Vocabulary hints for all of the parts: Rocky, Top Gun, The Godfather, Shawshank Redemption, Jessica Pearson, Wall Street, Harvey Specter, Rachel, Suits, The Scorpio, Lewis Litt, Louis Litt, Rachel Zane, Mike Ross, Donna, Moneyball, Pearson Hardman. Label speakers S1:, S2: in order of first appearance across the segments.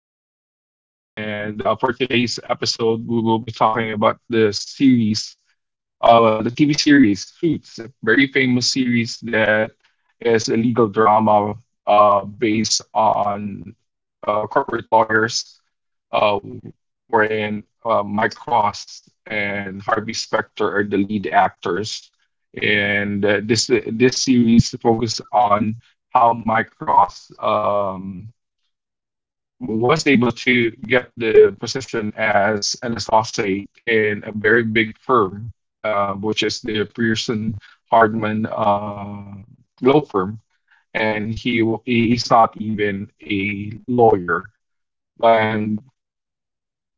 S1: My podcast. And For today's episode, we will be talking about the series, the TV series Suits, a very famous series that is a legal drama based on corporate lawyers, uh, wherein Mike Cross and Harvey Specter are the lead actors. And This series focuses on how Mike Cross was able to get the position as an associate in a very big firm, which is the Pearson Hardman law firm, and he is not even a lawyer. And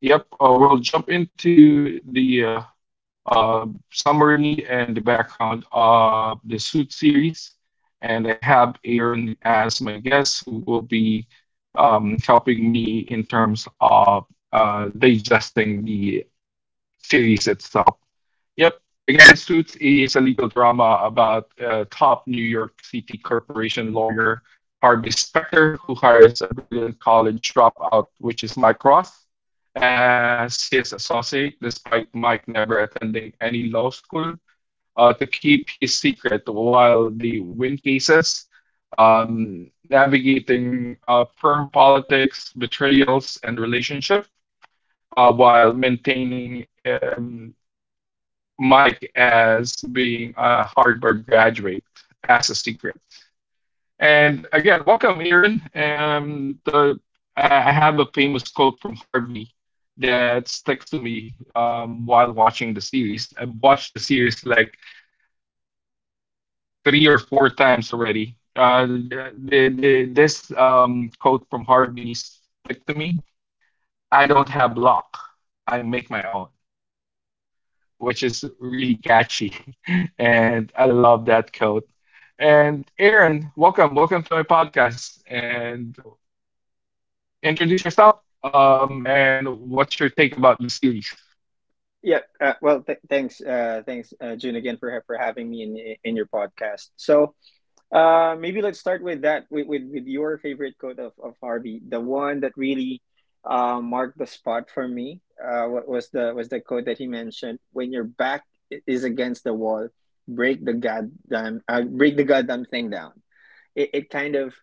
S1: yep, we'll jump into the uh, summary and the background of the Suit series. And I have Aaron as my guest, who will be helping me in terms of digesting the series itself. Yep. Again, Suits is a legal drama about a top New York City corporation lawyer, Harvey Specter, who hires a brilliant college dropout, which is Mike Ross, as his associate, despite Mike never attending any law school, to keep his secret while they win cases, navigating firm politics, betrayals, and relationship while maintaining Mike as being a Harvard graduate as a secret. And again, welcome, Aaron. The I have a famous quote from Harvey that sticks to me while watching the series. I've watched the series like three or four times already. The this quote from Harvey stick to me. I don't have luck. I make my own, which is really catchy. And I love that quote. And Aaron, welcome. Welcome to my podcast. And introduce yourself and what's your take about the series?
S2: Yeah, well, thanks, June, again for for having me in your podcast. So, maybe let's start with that with your favorite quote of Harvey, the one that really marked the spot for me. Was the quote that he mentioned: when your back is against the wall, break the goddamn thing down. It it kind of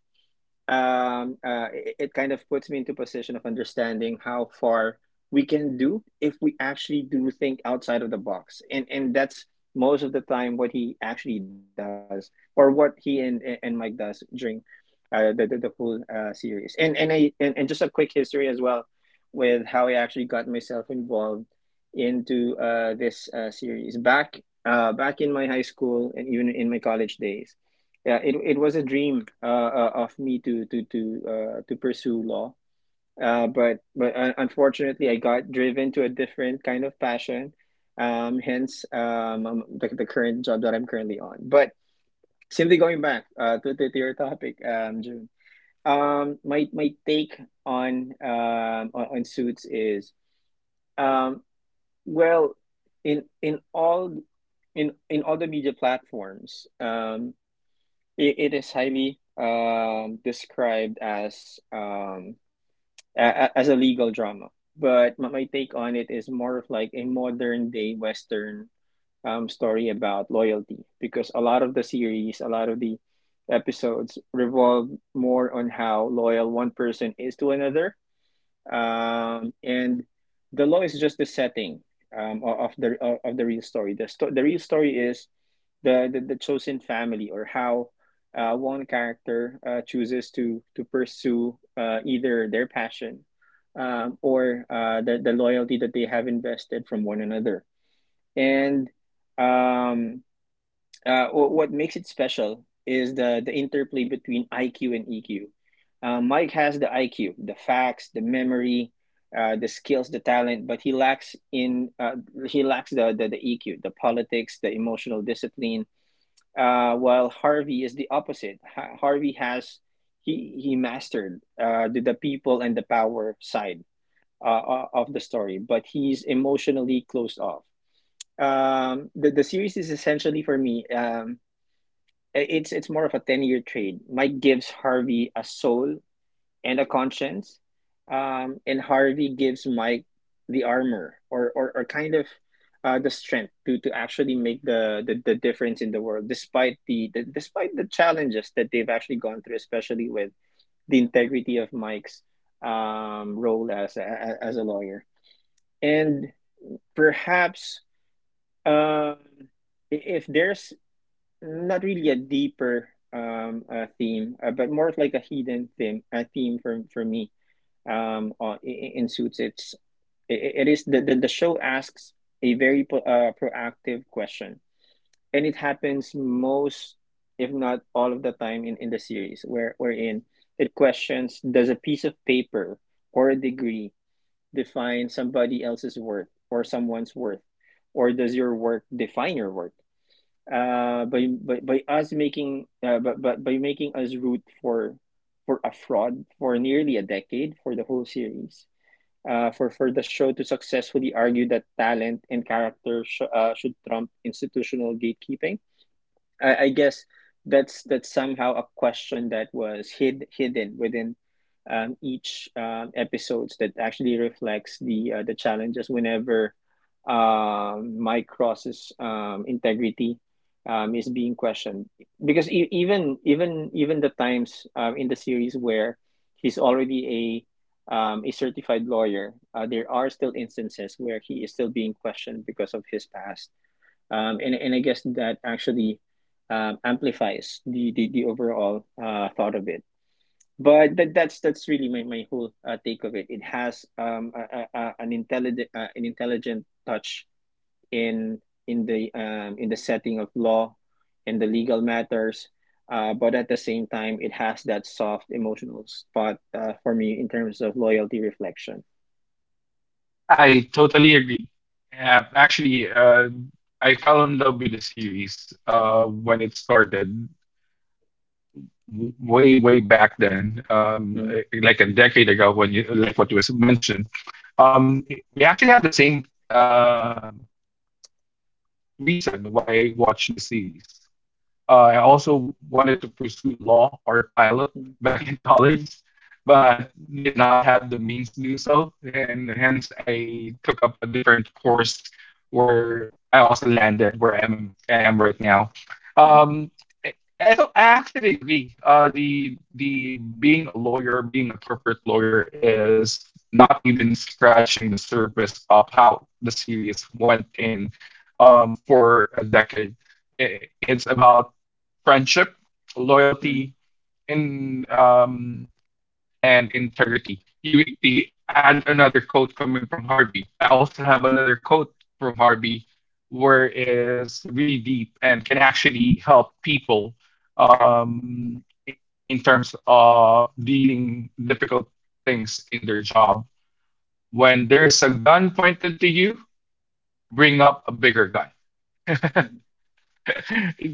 S2: it kind of puts me into position of understanding how far we can do if we actually do think outside of the box, and that's most of the time what he actually does or what he and Mike does during the whole series. And just a quick history as well with how I actually got myself involved into this series back in my high school and even in my college days. Yeah, it was a dream of me to pursue law. But un unfortunately, I got driven to a different kind of passion. Hence, the current job that I'm currently on. But simply going back to your topic, June. My take on suits is, um well, in in all in all the media platforms, it is highly described as as a legal drama, but my take on it is more of like a modern day Western story about loyalty, because a lot of the episodes revolve more on how loyal one person is to another, and the law is just the setting, of the real story. The real story is the chosen family, or how one character chooses to pursue either their passion, or the loyalty that they have invested from one another. And um uh, wh- what makes it special is the interplay between IQ and EQ. Mike has the IQ, the facts, the memory, the skills, the talent, but he lacks the EQ, the politics, the emotional discipline. While Harvey is the opposite. Ha- Harvey has he mastered the people and the power side, of the story, but he's emotionally closed off. The series is essentially, for me, it's more of a 10-year trade. Mike gives Harvey a soul and a conscience, and Harvey gives Mike the armor, or kind of the strength to actually make the difference in the world, despite the despite the challenges that they've actually gone through, especially with the integrity of Mike's role as a lawyer. And perhaps, um, if there's not really a deeper theme, but more of like a hidden theme. A theme for me. In Suits, it is, the show asks a very proactive question, and it happens most, if not all of the time, in the series where wherein it questions: does a piece of paper or a degree define somebody else's worth or someone's worth, or does your work define your worth, by us making but by making us root for a fraud for nearly a decade for the whole series? For the show to successfully argue that talent and character should trump institutional gatekeeping, I guess that's somehow a question that was hidden within, each, episodes that actually reflects the challenges whenever, Mike Cross's, integrity, is being questioned. Because even the times, in the series where he's already a certified lawyer, there are still instances where he is still being questioned because of his past, and I guess that actually, amplifies the overall thought of it. But that's really my whole take of it. It has, a, an intelligent touch in in the setting of law and the legal matters, but at the same time, it has that soft emotional spot, for me, in terms of loyalty reflection.
S1: I totally agree. Actually, I fell in love with the series when it started way back then
S2: Mm-hmm.
S1: like a decade ago when you, like what was mentioned, um we actually have the same reason why watch list series. I also wanted to pursue law or pilot back in college, but did not have the means to do so. And hence, I took up a different course where I also landed, where I am right now.
S2: Mm-hmm.
S1: Um, I I don't I actually agree. The Being a lawyer, being a corporate lawyer, is not even scratching the surface of how the series went in for a decade. It's about friendship,
S2: Mm-hmm.
S1: loyalty, and um, and integrity. You add another quote coming from Harvey. I also have another quote from Harvey where is really deep and can actually help people, um, i- in terms of dealing difficult things in their job. When there's a gun pointed to you, bring up a bigger gun.
S2: Mm-hmm.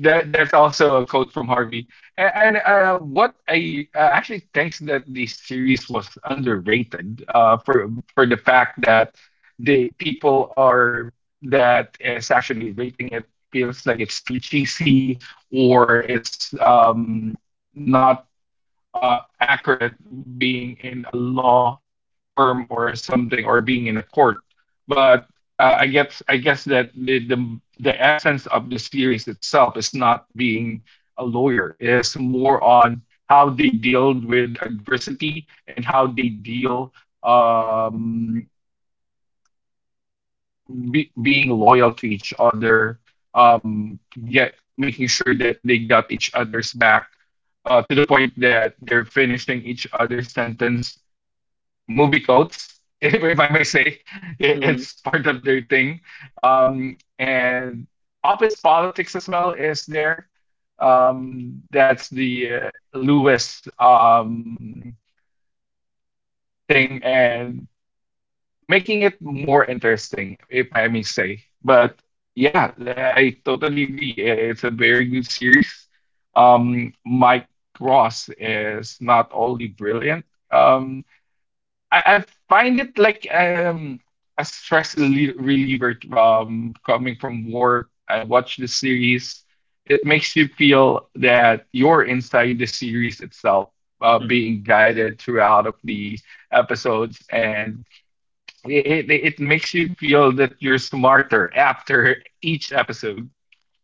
S1: That's also a quote from Harvey. And what I actually thinks that the series was underrated for the fact that the people are that is actually rating it feels like it's too cheesy, or it's not accurate being in a law firm or something, or being in a court. But I guess that the essence of the series itself is not being a lawyer, it's more on how they deal with adversity and how they deal, um being loyal to each other, um get making sure that they got each other's back, to the point that they're finishing each other's sentence movie quotes, if I may say.
S2: Mm-hmm.
S1: It's part of their thing. And Office politics as well is there. That's the Lewis thing and making it more interesting, if I may say. But yeah, I totally agree. It's a very good series. Mike Ross is not only brilliant. Um, I find it like a reliever coming from work. I watch the series. It makes you feel that you're inside the series itself,
S2: Mm-hmm.
S1: being guided throughout of the episodes, and it makes you feel that you're smarter after each episode.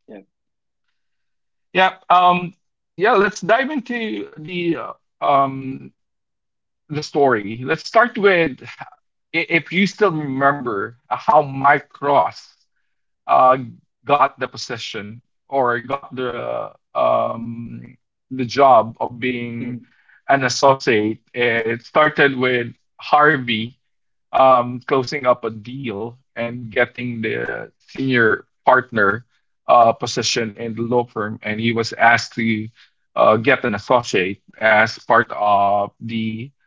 S2: Yeah.
S1: Yeah. Yeah. Let's dive into the uh, um story. Let's start with, if you still remember how Mike Cross uh, got the position or got the job of being
S2: Mhm.
S1: an associate. It started with Harvey closing up a deal and getting the senior partner position in the law firm, and he was asked to get an associate as part of the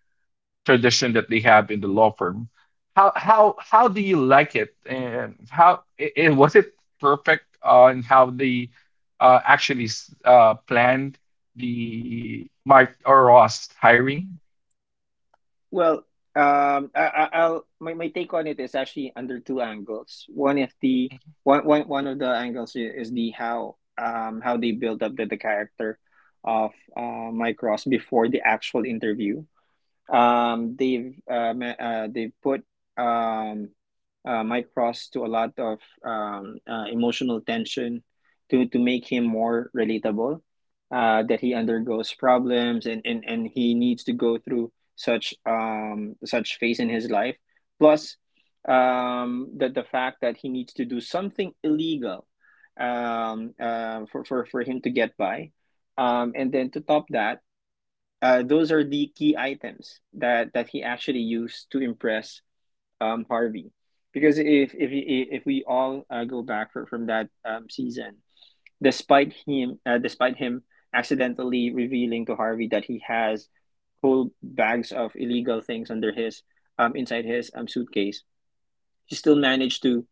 S1: tradition that they have in the law firm. How do you like it, and how was it perfect on how they actually planned the Mike or Ross hiring?
S2: Well, my take on it is actually under two angles. One of the angles I- is the how they build up the character of Mike Ross before the actual interview. They've put, um, Mike Ross to a lot of, emotional tension to make him more relatable. That he undergoes problems and he needs to go through such phase in his life. Plus, the fact that he needs to do something illegal, for him to get by, and then to top that, those are the key items that he actually used to impress, Harvey. Because if we all go back from that, season, despite him accidentally revealing to Harvey that he has whole bags of illegal things, under his inside his suitcase, he still managed, to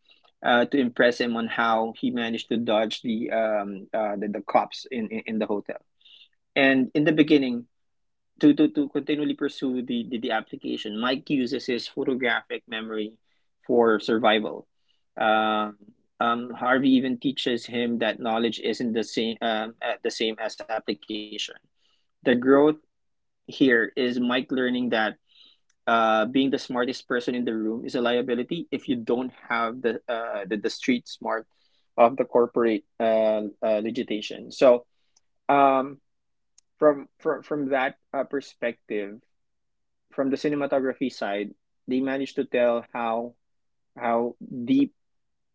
S2: uh, to impress him on how he managed to dodge the cops, in the hotel. And in the beginning, to continually pursue the application, Mike uses his photographic memory for survival. Um, Harvey even teaches him that knowledge isn't the same as application. The growth here is Mike learning that, being the smartest person in the room is a liability if you don't have the street smart of the corporate, legislation. So, um, from that, perspective, from the cinematography side, they managed to tell how deep,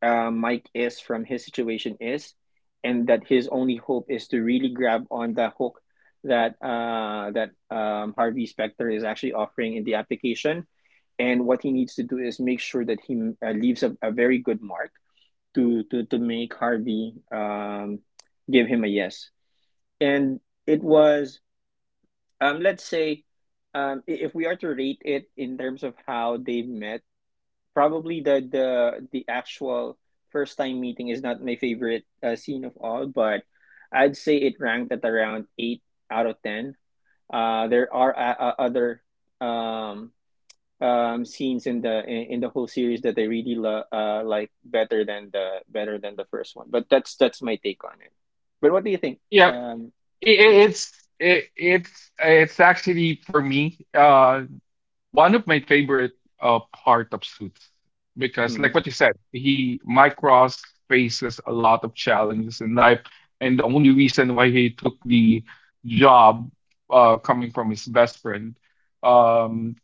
S2: Mike is from his situation is, and that his only hope is to really grab on the hook that Harvey Specter is actually offering in the application, and what he needs to do is make sure that he, leaves a very good mark to make Harvey, give him a yes. And it was, let's say, if we are to rate it in terms of how they met, probably the actual first time meeting is not my favorite scene of all, but I'd say it ranked at around 8 out of 10. There are, other, um scenes in, the whole series that I really like better than the first one. But that's my take on it. But what do you think, um
S1: it, it-
S2: Jim?
S1: it's it's it's actually for me one of my favorite part of Suits, because like
S2: Mm.
S1: what you said, he Mike Ross faces a lot of challenges in life, and the only reason why he took the job, coming from his best friend, um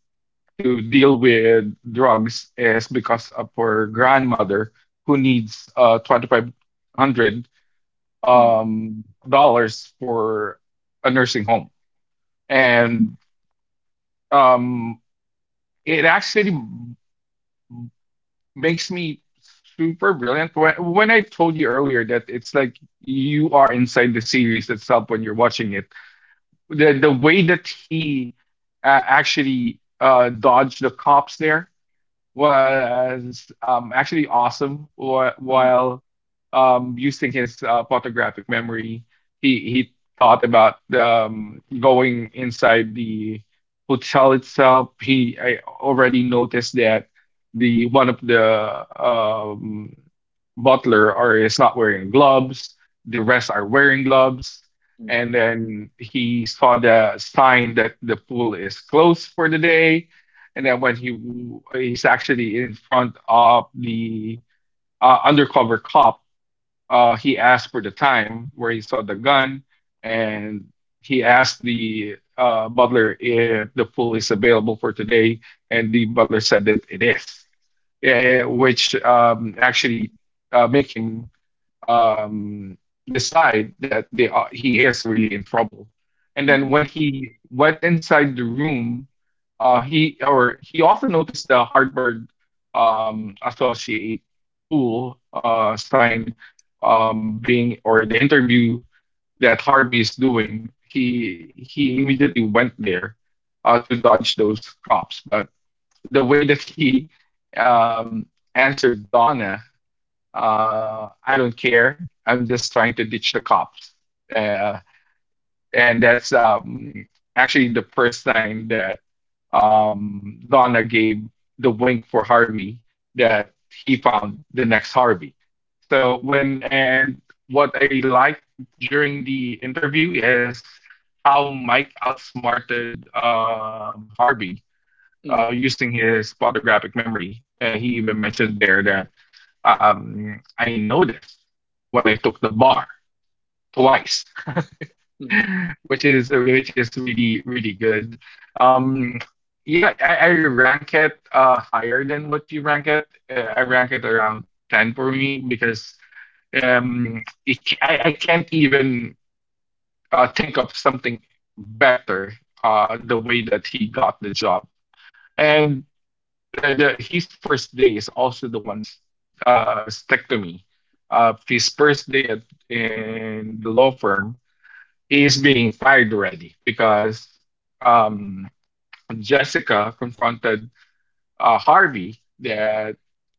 S1: to deal with drugs, is because of her grandmother, who needs 2,500
S2: Mm.
S1: dollars for a nursing home. And um, it actually makes me super brilliant. When I told you earlier that it's like you are inside the series itself when you're watching it, the way that he actually dodged the cops there was actually awesome
S2: Mm.
S1: while using his photographic memory. He thought about going inside the hotel itself. He, I already noticed that the one of the butler are is not wearing gloves. The rest are wearing gloves. And then he saw the sign that the pool is closed for the day. And then when he, he's actually in front of the undercover cop, he asked for the time where he saw the gun, and he asked the butler if the pool is available for today, and the butler said that it is, eh, which actually make him um, decide that they are, he is really in trouble. And then
S2: Mm.
S1: when he went inside the room, he also noticed the Harvard associate pool sign being, or the interview that Harvey is doing. He immediately went there to dodge those cops. But the way that he um, answered Donna, I don't care. I'm just trying to ditch the cops. Uh, and that's actually the first time that Donna gave the wink for Harvey that he found the next Harvey. So when, and what I liked during the interview is how Mike outsmarted Harvey
S2: Mhm,
S1: using his photographic memory. He even mentioned there that I noticed when I took the bar twice,
S2: mhm,
S1: which is really really good. Um, yeah, I rank it higher than what you rank it. I rank it around ten for me, because it, ca- I can't even think of something better. The way that he got the job and the his first day is also the ones stick to me. His first day at in the law firm is being fired already because um, Jessica confronted Harvey that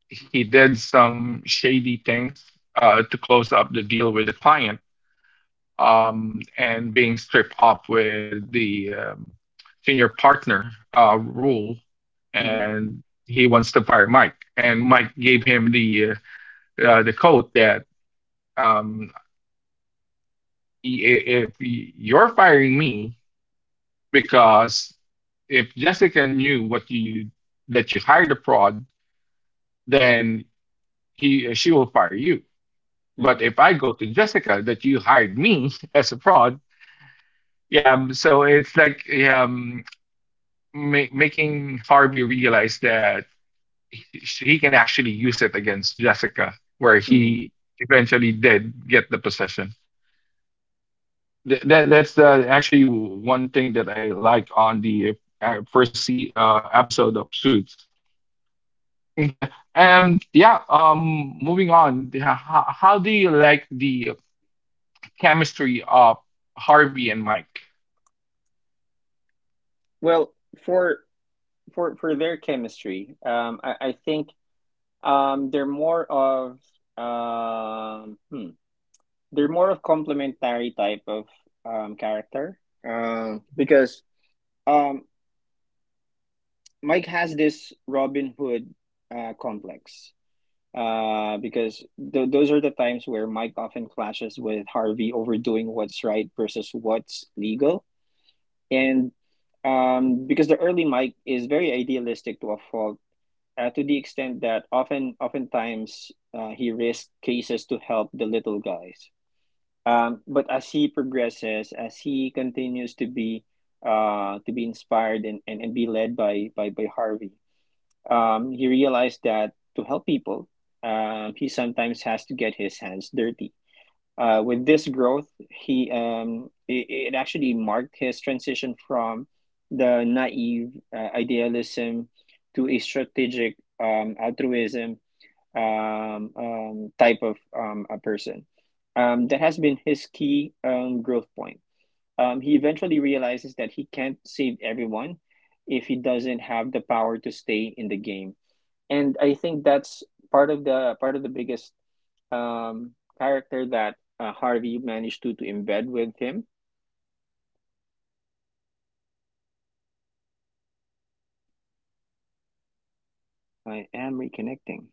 S1: he did some shady things to close up the deal with the client, and being stripped up with the senior partner rule.
S2: mhm,
S1: And he wants to fire Mike. And Mike gave him the quote that, um, if you're firing me, because if Jessica knew what you, that you hired a fraud, then he she will fire you. But
S2: mhm,
S1: if I go to Jessica that you hired me as a fraud, yeah. So it's like making Harvey realize that he can actually use it against Jessica, where
S2: mhm.
S1: he eventually did get the possession. That's actually one thing that I like on the first episode of Suits. Yeah, you. Yeah, Moving on. Yeah, how do you like the chemistry of Harvey and Mike?
S2: Well, for for their chemistry, I think, they're more of, um, hmm, complementary type of, character, because, um, Mike has this Robin Hood, complex, because th those are the times where Mike often clashes with Harvey over doing what's right versus what's legal, and, because the early mic is very idealistic to a fault, to the extent that oftentimes, he risks cases to help the little guys. But as he progresses, as he continues to be inspired and be led by Harvey, he realized that to help people, he sometimes has to get his hands dirty, with this growth, it actually marked his transition from the naive, idealism to a strategic, altruism, type of, a person. That has been his key, growth point. He eventually realizes that he can't save everyone if he doesn't have the power to stay in the game. And I think that's part of the biggest, um, character that, Harvey managed to embed with him. I am reconnecting.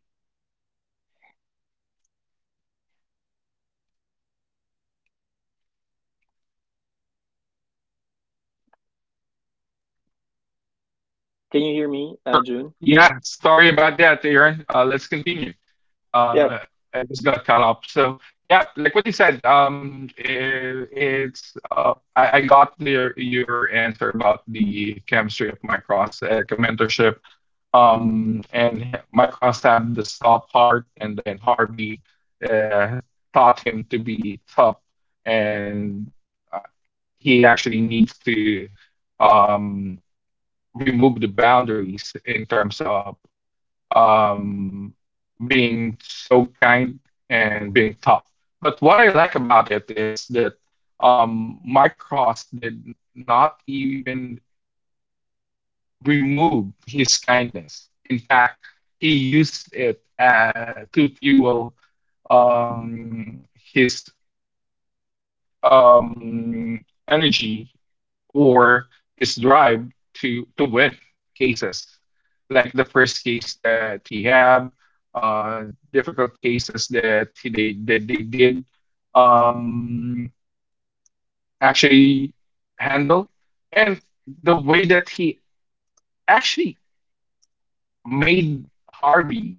S2: Can you hear me, June?
S1: Yeah, sorry about that, Aaron. Let's continue. Uh,
S2: Yep.
S1: I just got cut off. So yeah, like what you said, I got the, your answer about the chemistry of Micros, mentorship, and Micros have the soft heart, and then Harvey uh, taught him to be tough, and uh, he actually needs to um, remove the boundaries in terms of um, being so kind and being tough. But what I like about it is that my cross did not even remove his kindness. In fact, he used it to fuel um, his energy or his drive to win cases like the first case that he had, difficult cases that he, they that they did um actually handle, and the way that he actually made Harvey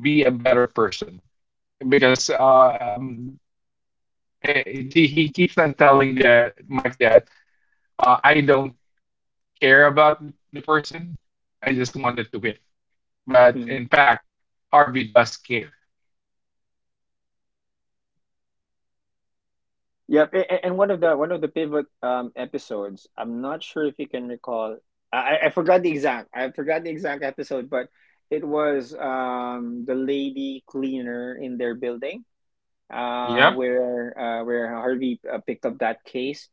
S1: be a better person because he keeps on telling the Mike that I don't care about the person. I just wanted to win. But
S2: Mm.
S1: in fact, Harvey does care.
S2: Yep. And one of the pivot, episodes. I'm not sure if you can recall. I forgot the exact episode, but it was, the lady cleaner in their building. Uh,
S1: Yep.
S2: where uh, where Harvey picked up that case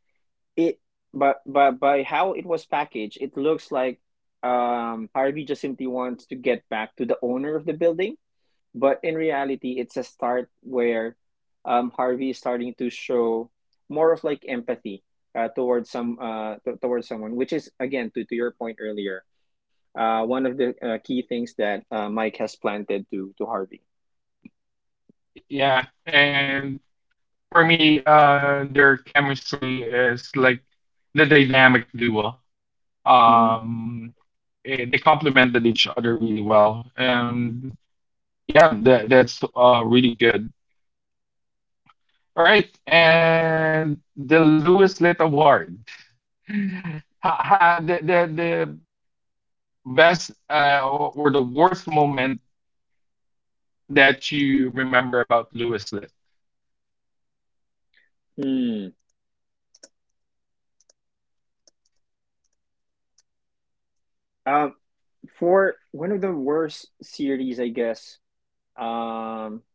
S2: it but by how it was packaged it looks like Harvey just simply wants to get back to the owner of the building, but in reality it's a start where Harvey is starting to show more of like empathy towards some towards someone, which is again to your point earlier, one of the key things that Mike has planted to Harvey.
S1: Yeah. And for me, their chemistry is like the dynamic duo.
S2: hmm
S1: Um, they complemented each other really well. And yeah, that's really good. All right. And the Lewis Lit Award. The best or the worst moment that you remember about Lewis Lit
S2: Hmm. um for one of the worst series, I guess, um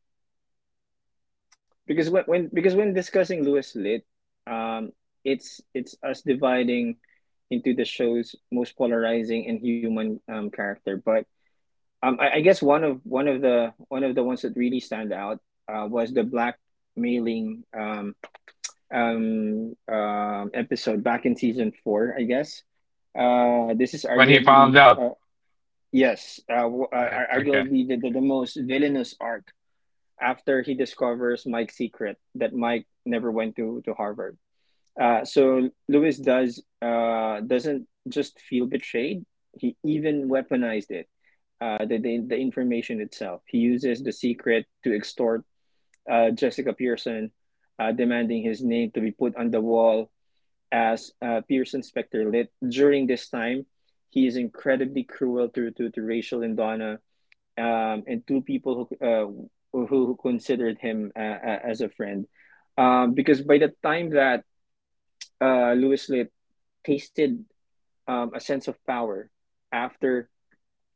S2: because when discussing Lewis Lit, um, it's us dividing into the show's most polarizing and human character. But I guess one of the ones that really stand out was the black mailing episode back in season four. I guess this is
S1: when he found
S2: arguably
S1: out?
S2: yes,
S1: Yeah, okay.
S2: arguably the most villainous arc after he discovers Mike's secret that Mike never went to Harvard. So Lewis does doesn't just feel betrayed; he even weaponized it. The, the information itself. He uses the secret to extort Jessica Pearson, demanding his name to be put on the wall as Pearson Specter Lit. During this time, he is incredibly cruel to Rachel and Donna, and two people who who considered him as a friend. Because by the time that Lewis Litt tasted a sense of power after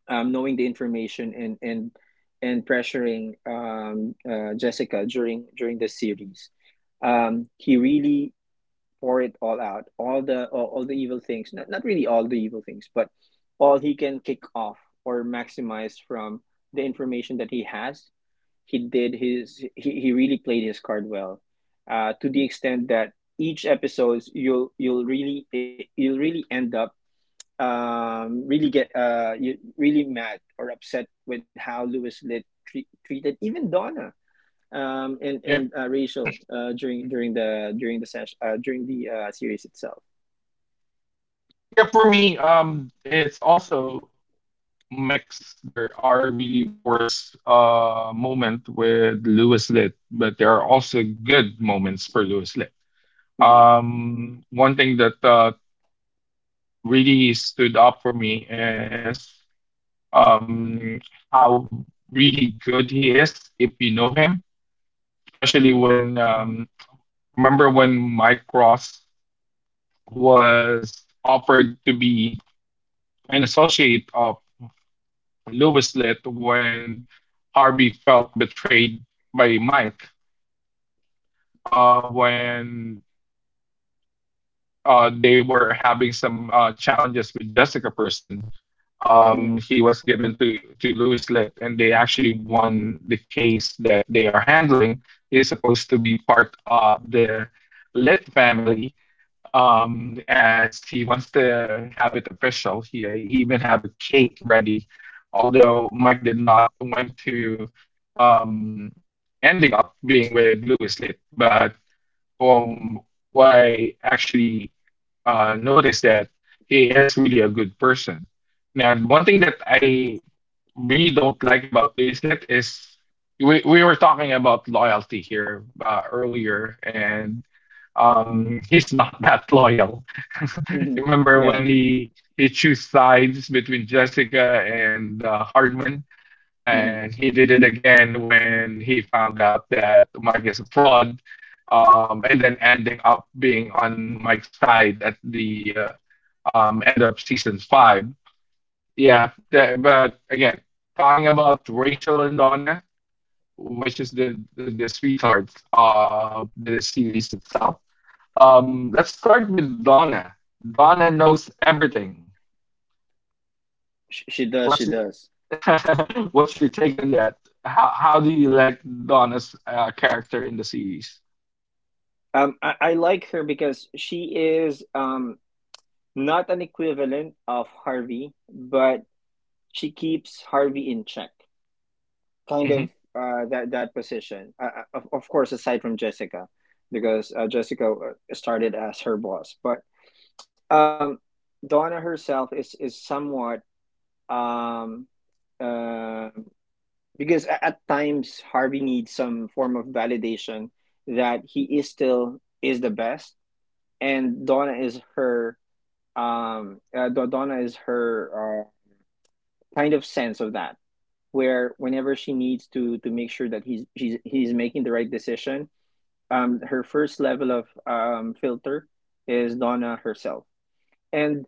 S2: knowing the information and pressuring Jessica during the series, he really pour it all out, all the all the evil things. Not not really all the evil things, but all he can kick off or maximize from the information that he has. He did his he really played his card well to the extent that each episodes you'll really end up really get you really mad or upset with how Lewis Litt treated even Donna um and
S1: Yep.
S2: and uh, Rachel during the session during the series itself.
S1: Yeah, for me, it's also mixed. There are really worse moment with Lewis Lit, but there are also good moments for Lewis Lit.
S2: Mm-hmm.
S1: One thing that really stood up for me is um how really good he is if you know him, especially
S2: Mm-hmm.
S1: when remember when Mike Ross was offered to be an associate of Lewis Litt when Harvey felt betrayed by Mike, when they were having some challenges with Jessica Person. Um, he
S2: Mm-hmm.
S1: was given to Louis Litt, and they actually won the case that they are handling. It is supposed to be part of the Litt family, as he wants to have it official. He even have a cake ready, although Mike did not went to, um, ending up being with Louis Litt. But from what I actually noticed, that he is really a good person. Now, the one thing that I really don't like about Louis Lit is, we were talking about loyalty here earlier, and he's not that loyal.
S2: Mm-hmm.
S1: Remember when
S2: Yeah.
S1: he chose sides between Jessica and Hardman? And he
S2: Mm-hmm.
S1: did it again when he found out that Mike is a fraud, and then ending up being on Mike's side at the end of season five. Yeah, but again, talking about Rachel and Donna, which is the sweetheart of the series itself. Let's start with Donna. Donna knows everything.
S2: She does, she
S1: What's
S2: does.
S1: what's your take on that? How do you like Donna's character in the series?
S2: I like her because she is, not an equivalent of Harvey, but she keeps Harvey in check. Kind of
S1: Hmm.
S2: that that position. Of course, aside from Jessica, because Jessica started as her boss, but um, Donna herself is somewhat, um, uh, because at times Harvey needs some form of validation that he is still is the best, and Donna is her Donna is her kind of sense of that, where whenever she needs to make sure that he's making the right decision. Her first level of filter is Donna herself. And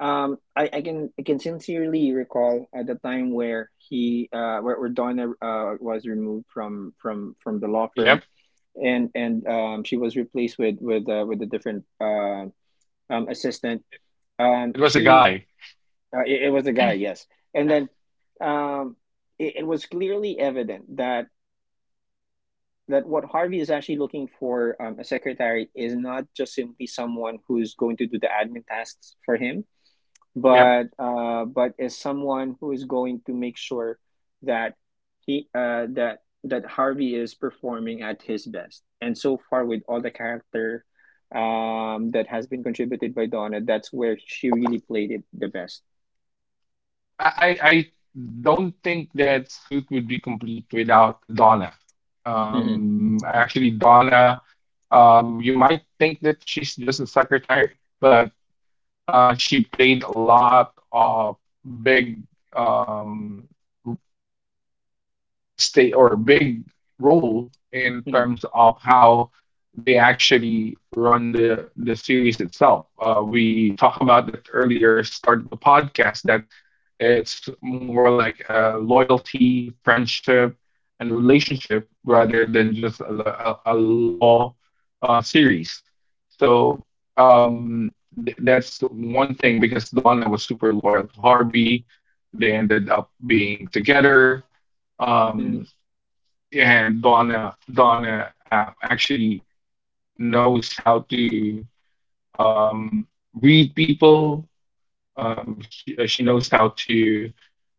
S2: I can I can sincerely recall at the time where Donna was removed from the law firm,
S1: Yep.
S2: and she was replaced with a different, assistant.
S1: It was a
S2: She
S1: guy.
S2: It, it was a guy, yes. And then, um, it, it was clearly evident that that what Harvey is actually looking for, a secretary is not just simply someone who's going to do the admin tasks for him,
S1: Yep.
S2: but is someone who is going to make sure that he that that Harvey is performing at his best. And so far, with all the character, that has been contributed by Donna, that's where she really played it the best.
S1: I don't think that Suit would be complete without the Donna.
S2: Hmm
S1: Actually, Donna, you might think that she's just a secretary, but she played a lot of big. Um, stay or big role in
S2: hmm
S1: terms of how they actually run the series itself. We talked about that earlier, start of the podcast, that it's more like loyalty, friendship, and relationship rather than just a law series. So um, that's one thing, because Donna was super loyal to Harvey. They ended up being together.
S2: hmm
S1: Um, and Donna actually knows how to, um, read people. She she knows how to,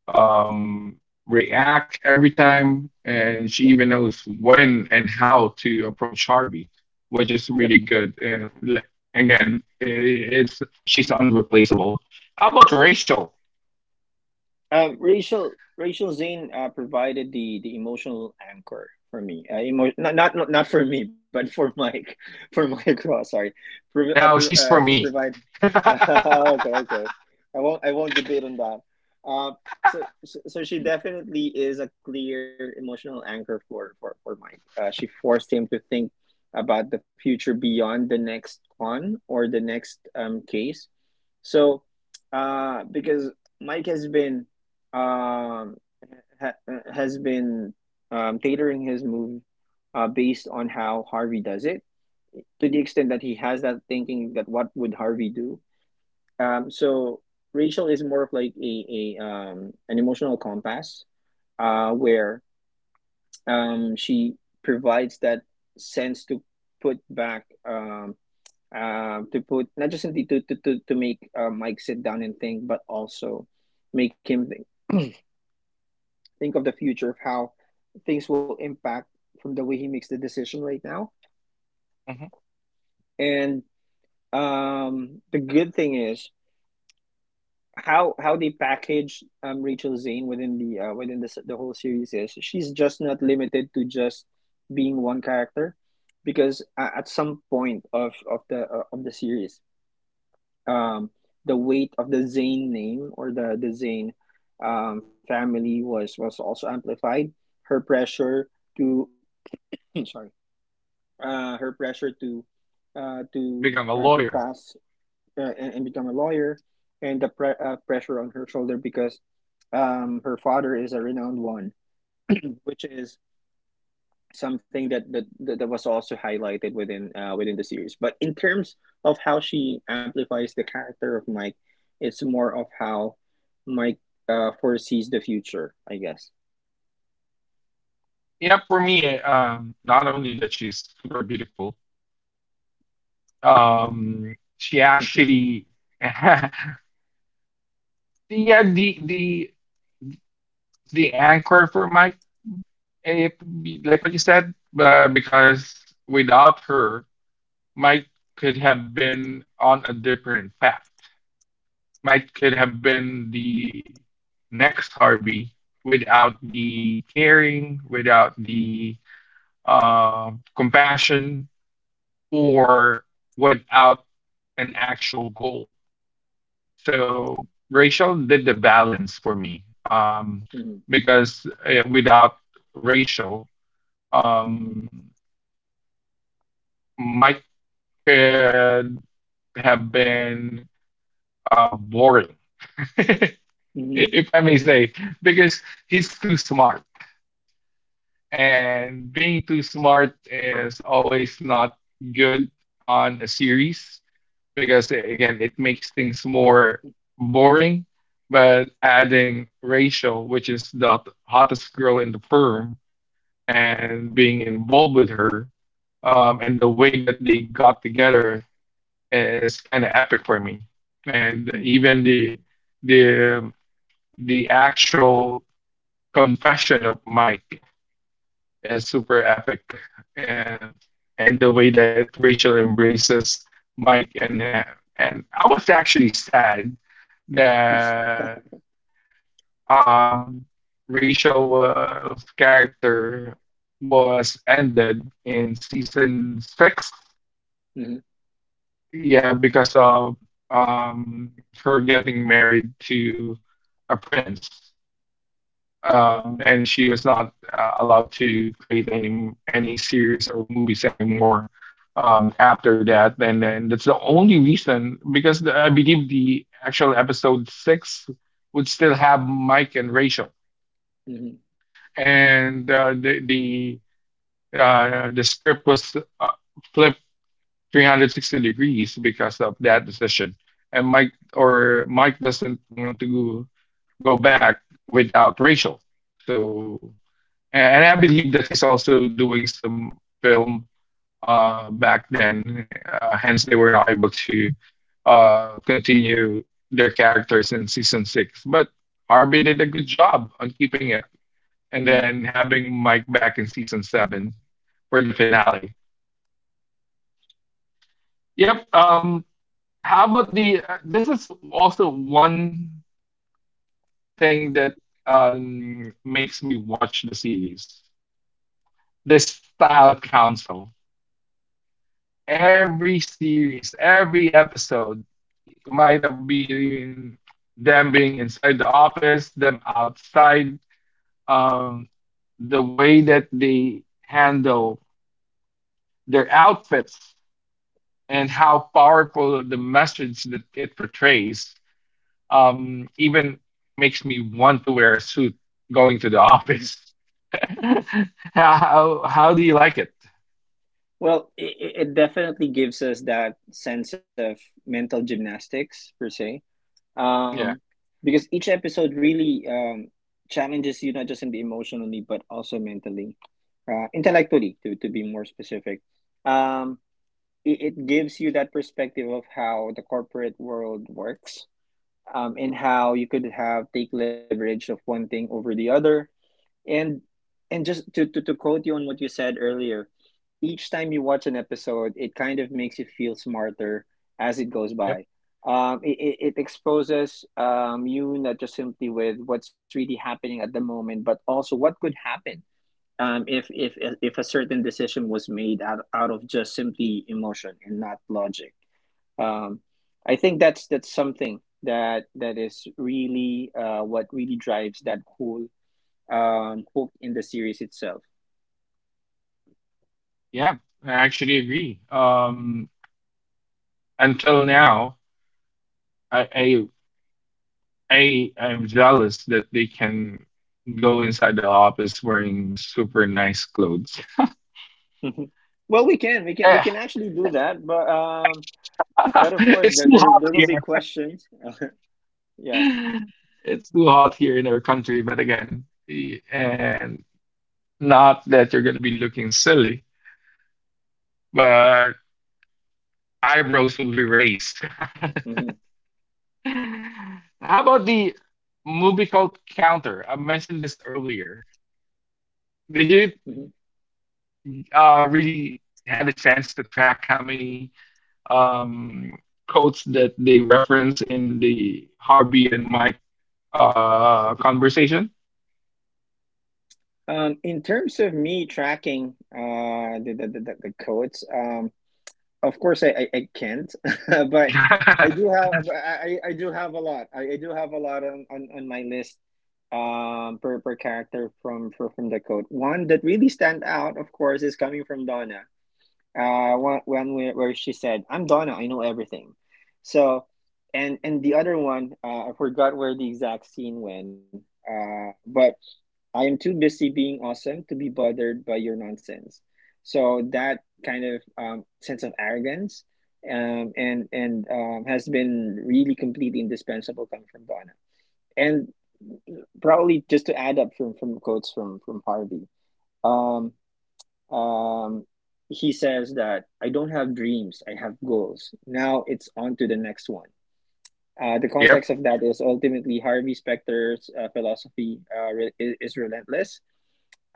S1: um, react every time, and she even knows when and how to approach Harvey, which is
S2: Yep.
S1: really good. And like, again, I it's she's unreplaceable. How about Rachel?
S2: Rachel Zane provided the emotional anchor for me. Not for me, but for Mike, for Mike Ross. Sorry,
S1: Now she's for
S2: she
S1: me.
S2: provided— okay, okay. I won't debate on that. Uh, so she definitely is a clear emotional anchor for Mike. She forced him to think about the future beyond the next con or the next case. So, because Mike has been um ha has been tailoring his move based on how Harvey does it, to the extent that he has that thinking that, what would Harvey do? So Rachel is more of like a an emotional compass, where she provides that sense to put back to put— not just indeed to make Mike sit down and think, but also make him think of the future of how things will impact from the way he makes the decision right now.
S1: Mhm.
S2: And the good thing is how they package Rachel Zane within the the whole series is she's just not limited to just being one character, because at some point of the series um the weight of the Zane name or the Zane family was also amplified her pressure to sorry, her pressure to uh to
S1: Become a
S2: uh, to
S1: lawyer.
S2: pass and become a lawyer, and the pressure on her shoulder because her father is a renowned one, which is something that that was also highlighted within within the series. But in terms of how she amplifies the character of Mike, it's more of how Mike foresees the future, I guess.
S1: Yeah, for me, not only that she's super beautiful, she actually, yeah, the the anchor for Mike, if, like what you said, because without her, Mike could have been on a different path. Mike could have been the next Harvey without the caring, without the uh, compassion, or without an actual goal. So Rachel did the balance for me
S2: Mhm.
S1: because without Rachel, um, Mike could have been boring,
S2: Mhm.
S1: if I may say, because he's too smart. And being too smart is always not good on a series, because again, it makes things more boring. But adding Rachel, which is the hottest girl in the firm, and being involved with her, and the way that they got together, is kind of epic for me. And
S2: Mhm.
S1: even the um, the actual confession of Mike is super epic. and and the way that Rachel embraces Mike, and I was actually sad that um Rachel's character was ended in season six.
S2: Mhm.
S1: Yeah, because of um her getting married to a prince. Um, and she was not allowed to create any series or movies anymore after that. And then that's the only reason, because the, I believe the actual episode six would still have Mike and Rachel,
S2: Mhm.
S1: and the script was flipped 360 degrees because of that decision. And Mike doesn't want to go, go back without Rachel. So and I believe that he's also doing some film back then. Hence, they were not able to continue their characters in season six. But Harvey did a good job on keeping it and
S2: Mhm.
S1: then having Mike back in season seven for the finale. Yep. How about the? This is also one thing that makes me watch the series. The style council. Every series, every episode might have been them being inside the office, them outside, um, the way that they handle their outfits and how powerful the message that it portrays, even makes me want to wear a suit going to the
S2: Mhm.
S1: office. How, how do you like it?
S2: Well, it definitely gives us that sense of mental gymnastics per se,
S1: Yeah.
S2: um, because each episode really challenges you not just in the emotionally but also mentally, intellectually to be more specific. Um, it, it gives you that perspective of how the corporate world works, and how you could have take leverage of one thing over the other, and just to quote you on what you said earlier, each time you watch an episode, it kind of makes you feel smarter as it goes
S1: Yep.
S2: by. It, it it exposes you not just simply with what's really happening at the moment, but also what could happen, um, if, if if a certain decision was made out, out of just simply emotion and not logic. Um, I think that's something that that is really what really drives that whole, hooked in the series itself.
S1: Yeah. I actually agree. Until now, I, I I I'm jealous that they can go inside the office wearing super nice clothes.
S2: Mhm. Well, we
S1: Eh,
S2: can actually do that, but of course,
S1: it's too
S2: there
S1: hot
S2: will be
S1: here.
S2: questions. Yeah.
S1: It's too hot here in our country, but again, and not that you're gonna be looking silly, but eyebrows will be raised.
S2: hmm
S1: How about the movie called Counter? I mentioned this earlier. Did you
S2: hmm
S1: really had a chance to track how many um, quotes that they reference in the Harvey and Mike conversation.
S2: In terms of me tracking the codes, of course, I can't, but I do have— I do have a lot. I do have a lot on, on my list per character from, from the code. One that really stand out, of course, is coming from Donna. One when where she said, I'm Donna, I know everything. So and the other one, I forgot where the exact scene went, but: I am too busy being awesome to be bothered by your nonsense. So that kind of, sense of arrogance, and has been really completely indispensable coming from Donna. And probably just to add up from quotes from Harvey, um um, he says that, I don't have dreams, I have goals. Now it's on to the next one. The
S1: Yep.
S2: context of that is ultimately Harvey Specter's philosophy is relentless,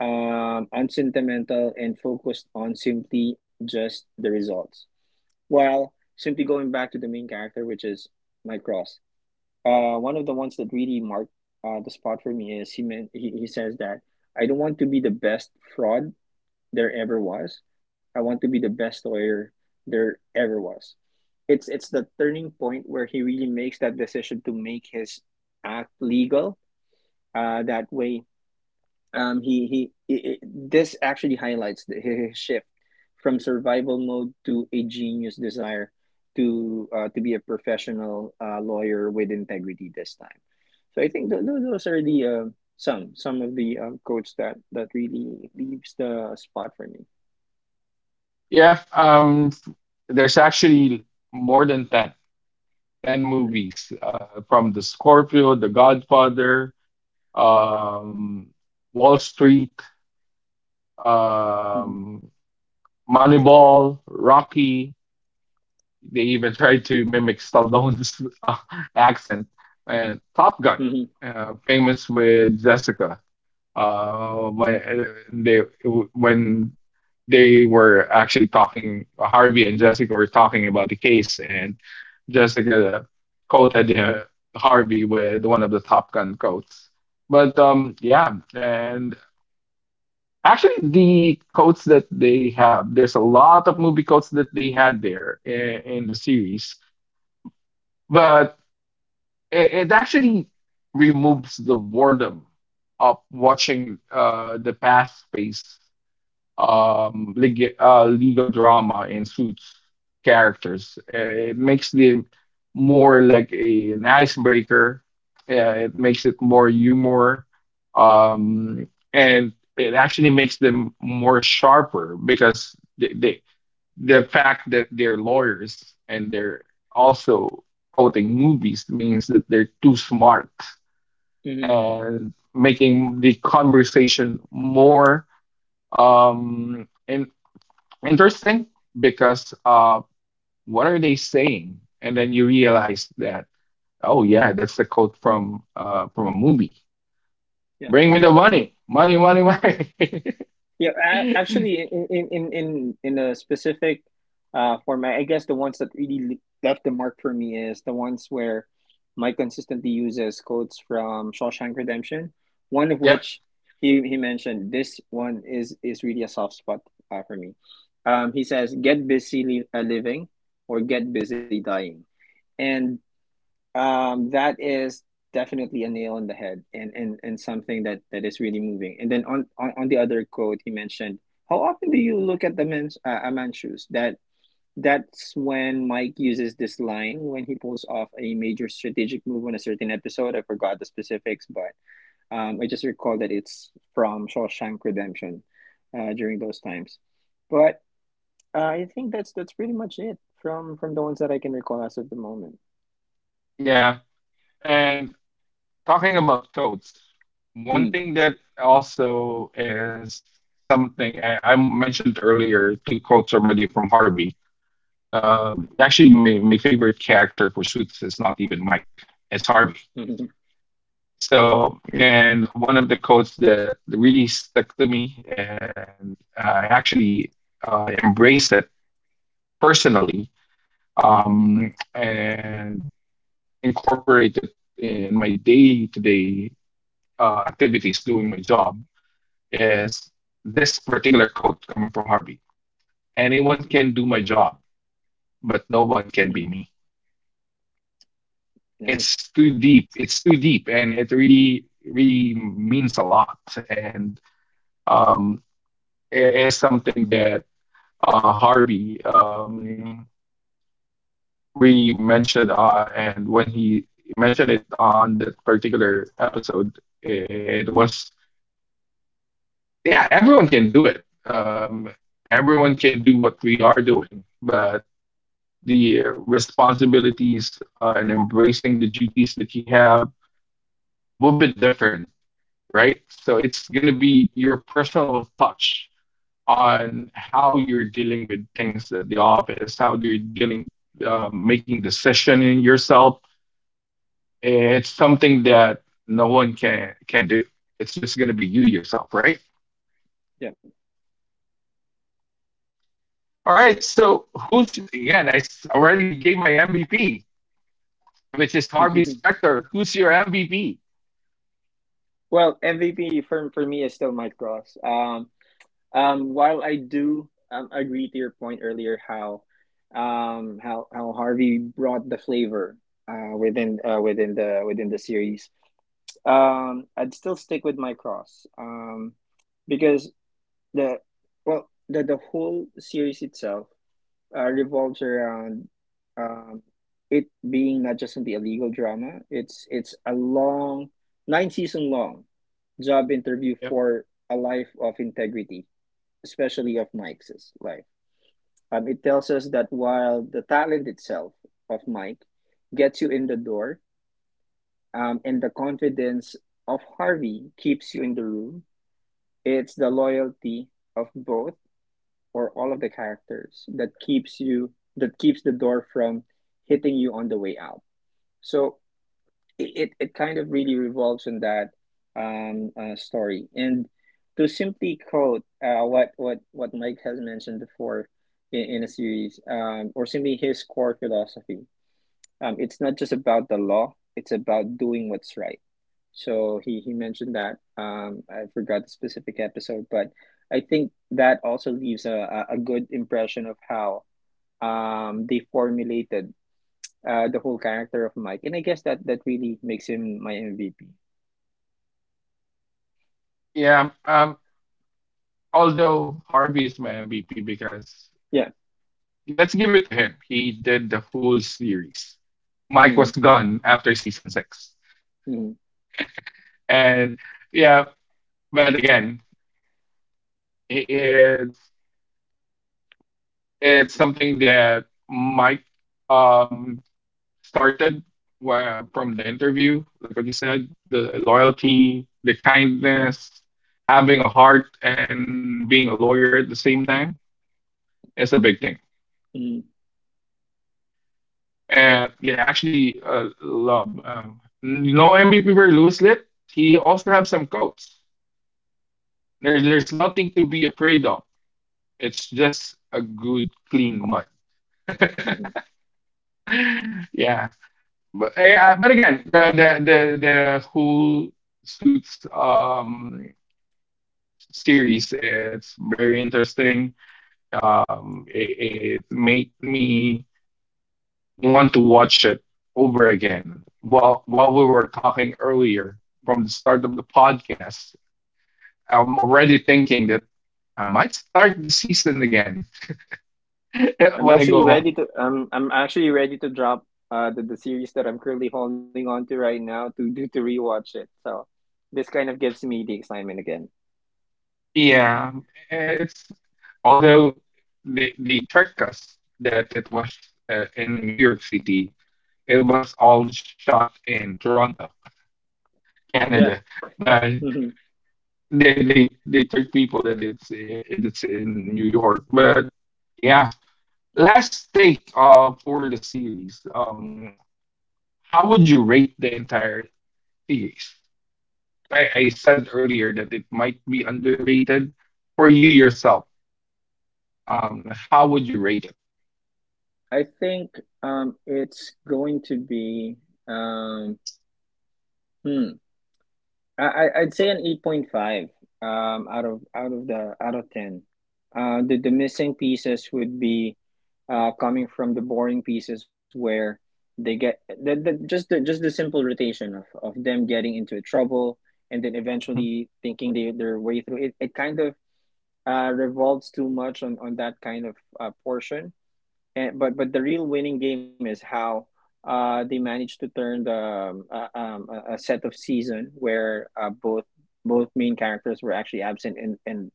S2: unsentimental, and focused on simply just the results. While simply going back to the main character, which is Mike Ross, one of the ones that really marked the spot for me is he says that, I don't want to be the best fraud there ever was. I want to be the best lawyer there ever was. It's the turning point where he really makes that decision to make his act legal. That way, this actually highlights his shift from survival mode to a genius desire to be a professional lawyer with integrity this time. So I think those are the some of the quotes that that really leaves the spot for me.
S1: Yeah. There's actually more than ten
S2: Mm.
S1: movies, from The Scorpio, The Godfather, um, Wall Street,
S2: hmm
S1: um, Moneyball, Rocky. They even tried to mimic Stallone's accent. And Top Gun,
S2: hmm
S1: famous with Jessica, when they when they were actually talking, Harvey and Jessica were talking about the case, and Jessica quoted Harvey with one of the Top Gun quotes. But yeah, and actually, the quotes that they have, there's a lot of movie quotes that they had there in the series. But it actually removes the boredom of watching the past space legal drama in Suits characters. It makes them more like an icebreaker. It makes it more humor, um, and it actually makes them more sharper because the fact that they're lawyers and they're also quoting movies means that they're too smart,
S2: hmm
S1: and making the conversation more um in- interesting. Because what are they saying, and then you realize that, oh yeah, that's the quote from a movie,
S2: Yeah.
S1: bring me the money money money money.
S2: Yeah. Actually, in a specific format, I guess the ones that really left the mark for me is the ones where Mike consistently uses quotes from Shawshank Redemption. One of
S1: Yep.
S2: which he mentioned— this one is really a soft spot for me. He says, "Get busy living, or get busy dying," and that is definitely a nail on the head, and something that, that is really moving. And then on the other quote, he mentioned, "How often do you look at the a man's shoes?" That, that's when Mike uses this line when he pulls off a major strategic move on a certain episode. I forgot the specifics, but I just recall that it's from Shawshank Redemption during those times. But I think that's pretty much it from the ones that I can recall as of the moment.
S1: Yeah. And talking about coats, one
S2: Mm,
S1: thing that also is something I mentioned earlier, two quotes already from Harvey. Actually, my favorite character for Suits is not even Mike, it's Harvey. So, and one of the quotes that really stuck to me, and I actually embrace it personally, and incorporate it in my day to day activities doing my job, is this particular quote coming from Harvey. Anyone can do my job, but no one can
S2: mhm.
S1: be me.
S2: Nice.
S1: It's too deep. It's too deep, and it really, really means a lot. And um, it is something that Harvey really mentioned. And when he mentioned it on that particular episode, it was, yeah, everyone can do it. Everyone can do what we are doing, but the responsibilities and embracing the duties that you have will be different, right? So it's going to be your personal touch on how you're dealing with things at the office, how you're dealing, making decision in yourself. It's something that no one can do. It's just going to be you yourself, right?
S2: Yeah.
S1: All right. So who's again? Already gave my MVP, which is Harvey Specter. Who's your MVP?
S2: Well, MVP for me is still Mike Cross. While I do agree to your point earlier, how how Harvey brought the flavor within the within the series. I'd still stick with Mike Cross. Because the, well, the whole series itself revolves around um, it being not just an illegal drama. It's a long, nine season long job interview
S1: Yep.
S2: for a life of integrity, especially of Mike's life. It tells us that while the talent itself of Mike gets you in the door, and the confidence of Harvey keeps you in the room, it's the loyalty of both or all of the characters that keeps you, that keeps the door from hitting you on the way out. So kind of really revolves on that story. And to simply quote what Mike has mentioned before in a series, or simply his core philosophy, it's not just about the law; it's about doing what's right. So he mentioned that. I forgot the specific episode, but I think that also leaves a good impression of how they formulated the whole character of Mike, and I guess that that really makes him my MVP.
S1: Yeah. Although Harvey is my MVP, because
S2: Yeah.
S1: let's give it to him. He did the whole series. Mike
S2: Mm,
S1: was gone after season six.
S2: mm,
S1: And yeah, but again, i- it's it's something that Mike um started where, from the interview, like what you said, the loyalty, the kindness, having a heart, and being a lawyer at the same time is a big thing.
S2: mm,
S1: And they actually, love no MVP for Lewis Litt. He also have some coats. There's nothing to be afraid of. It's just a good clean mud.
S2: mm.
S1: Yeah, but yeah, but again, the whole Suits series, it's very interesting. It made me want to watch it over again. While we were talking earlier from the start of the podcast, I'm already thinking that I might start the season again.
S2: I'm
S1: When I
S2: actually
S1: go
S2: ready
S1: home.
S2: to I'm actually ready to drop the series that I'm currently holding on to right now to do to rewatch it. So this kind of gives me the excitement again.
S1: Yeah, it's, although they tricked us that it was in New York City, it was all shot in Toronto,
S2: Yeah.
S1: Canada, but
S2: Hmm.
S1: they they trick people that it's in New York. But yeah, last take for the series. How would you rate the entire series? I said earlier that it might be underrated. For you yourself, how would you rate
S2: I think it's going to be um hmm, I'd say an 8.5 out of the out of 10. The missing pieces would be coming from the boring pieces where they get the just the simple rotation of them getting into trouble and then eventually thinking they their way through it, it kind of revolves too much on that kind of portion, and but the real winning game is how they managed to turn the a set of season where both both main characters were actually absent, and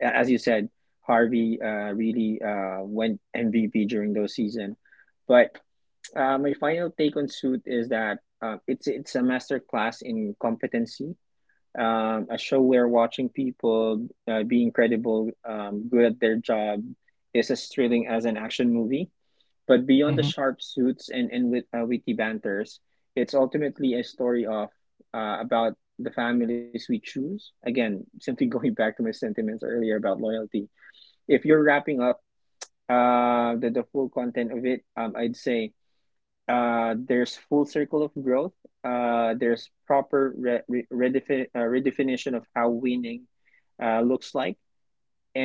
S2: a- as you said Harvey really went MVP during those season, but my final take on Suit is that it's a master class in competency, a show where watching people be incredible good at their job is as thrilling as an action movie, but beyond the
S1: it?
S2: sharp suits and wit, witty banters, it's ultimately a story of about the families we choose. Again, simply going back to my sentiments earlier about loyalty. If you're wrapping up the full content of it, I'd say there's full circle of growth. There's proper redefinition of how winning looks like,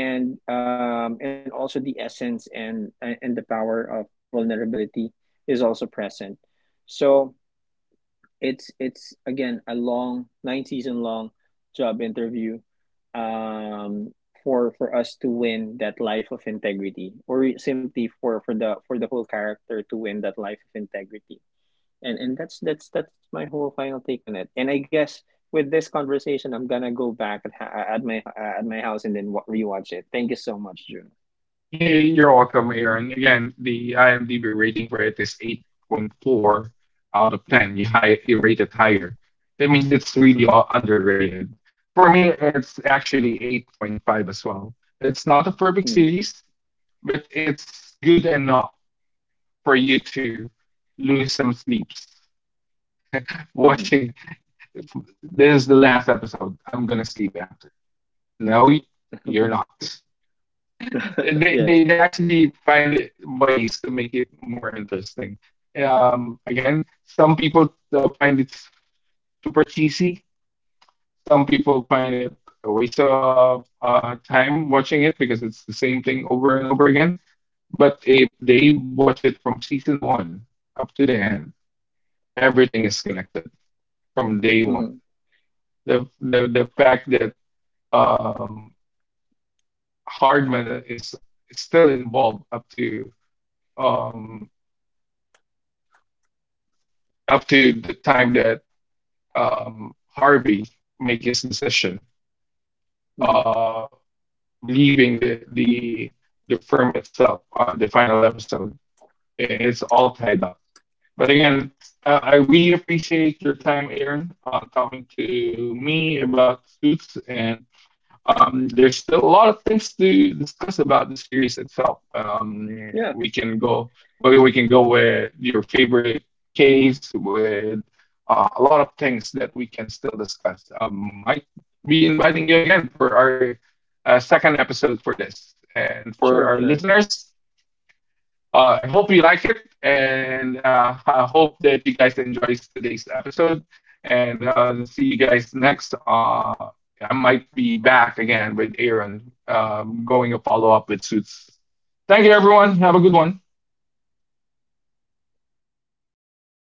S2: and also the essence and the power of vulnerability is also present. So it's again a long nine season long job interview um, for us to win that life of integrity, or simply for the whole character to win that life of integrity. And that's my whole final take on it. And I guess with this conversation, I'm gonna go back at my house and then rewatch it. Thank you so much, June.
S1: Hey, you're welcome, Aaron. Again, the IMDb rating for it is 8.4 out of 10. You high, you rated higher. That means it's really all
S2: Mm-hmm.
S1: underrated. For me, it's actually 8.5 as well. It's not a perfect
S2: Mm,
S1: series, but it's good enough for you to lose some sleeps
S2: mhm.
S1: watching. This is the last episode. I'm gonna sleep after. No, you're not. they, they they
S2: Yes.
S1: actually find it, ways to make it more interesting. Again, some people find it super cheesy. Some people find it a waste of time watching it, because it's the same thing over and over again. But if they watch it from season one up to the end, everything is connected from day one.
S2: Mhm,
S1: The fact that um, Hardman is still involved up to um, up to the time that Harvey make his decision,
S2: mhm.
S1: uh, leaving the the firm itself on the final episode. It's all tied up. But again, I really appreciate your time, Aaron, talking to me about Suits. And there's still a lot of things to discuss about the series itself. We
S2: Yeah,
S1: can go maybe we can go with your favorite case with a lot of things that we can still discuss. Might be inviting you again for our second episode for this, and for our
S2: sure,
S1: listeners,
S2: sure.
S1: I hope you like it, and I hope that you guys enjoy today's episode. And see you guys next. I might be back again with Aaron, going a follow up with Suits. Thank you, everyone. Have a good one.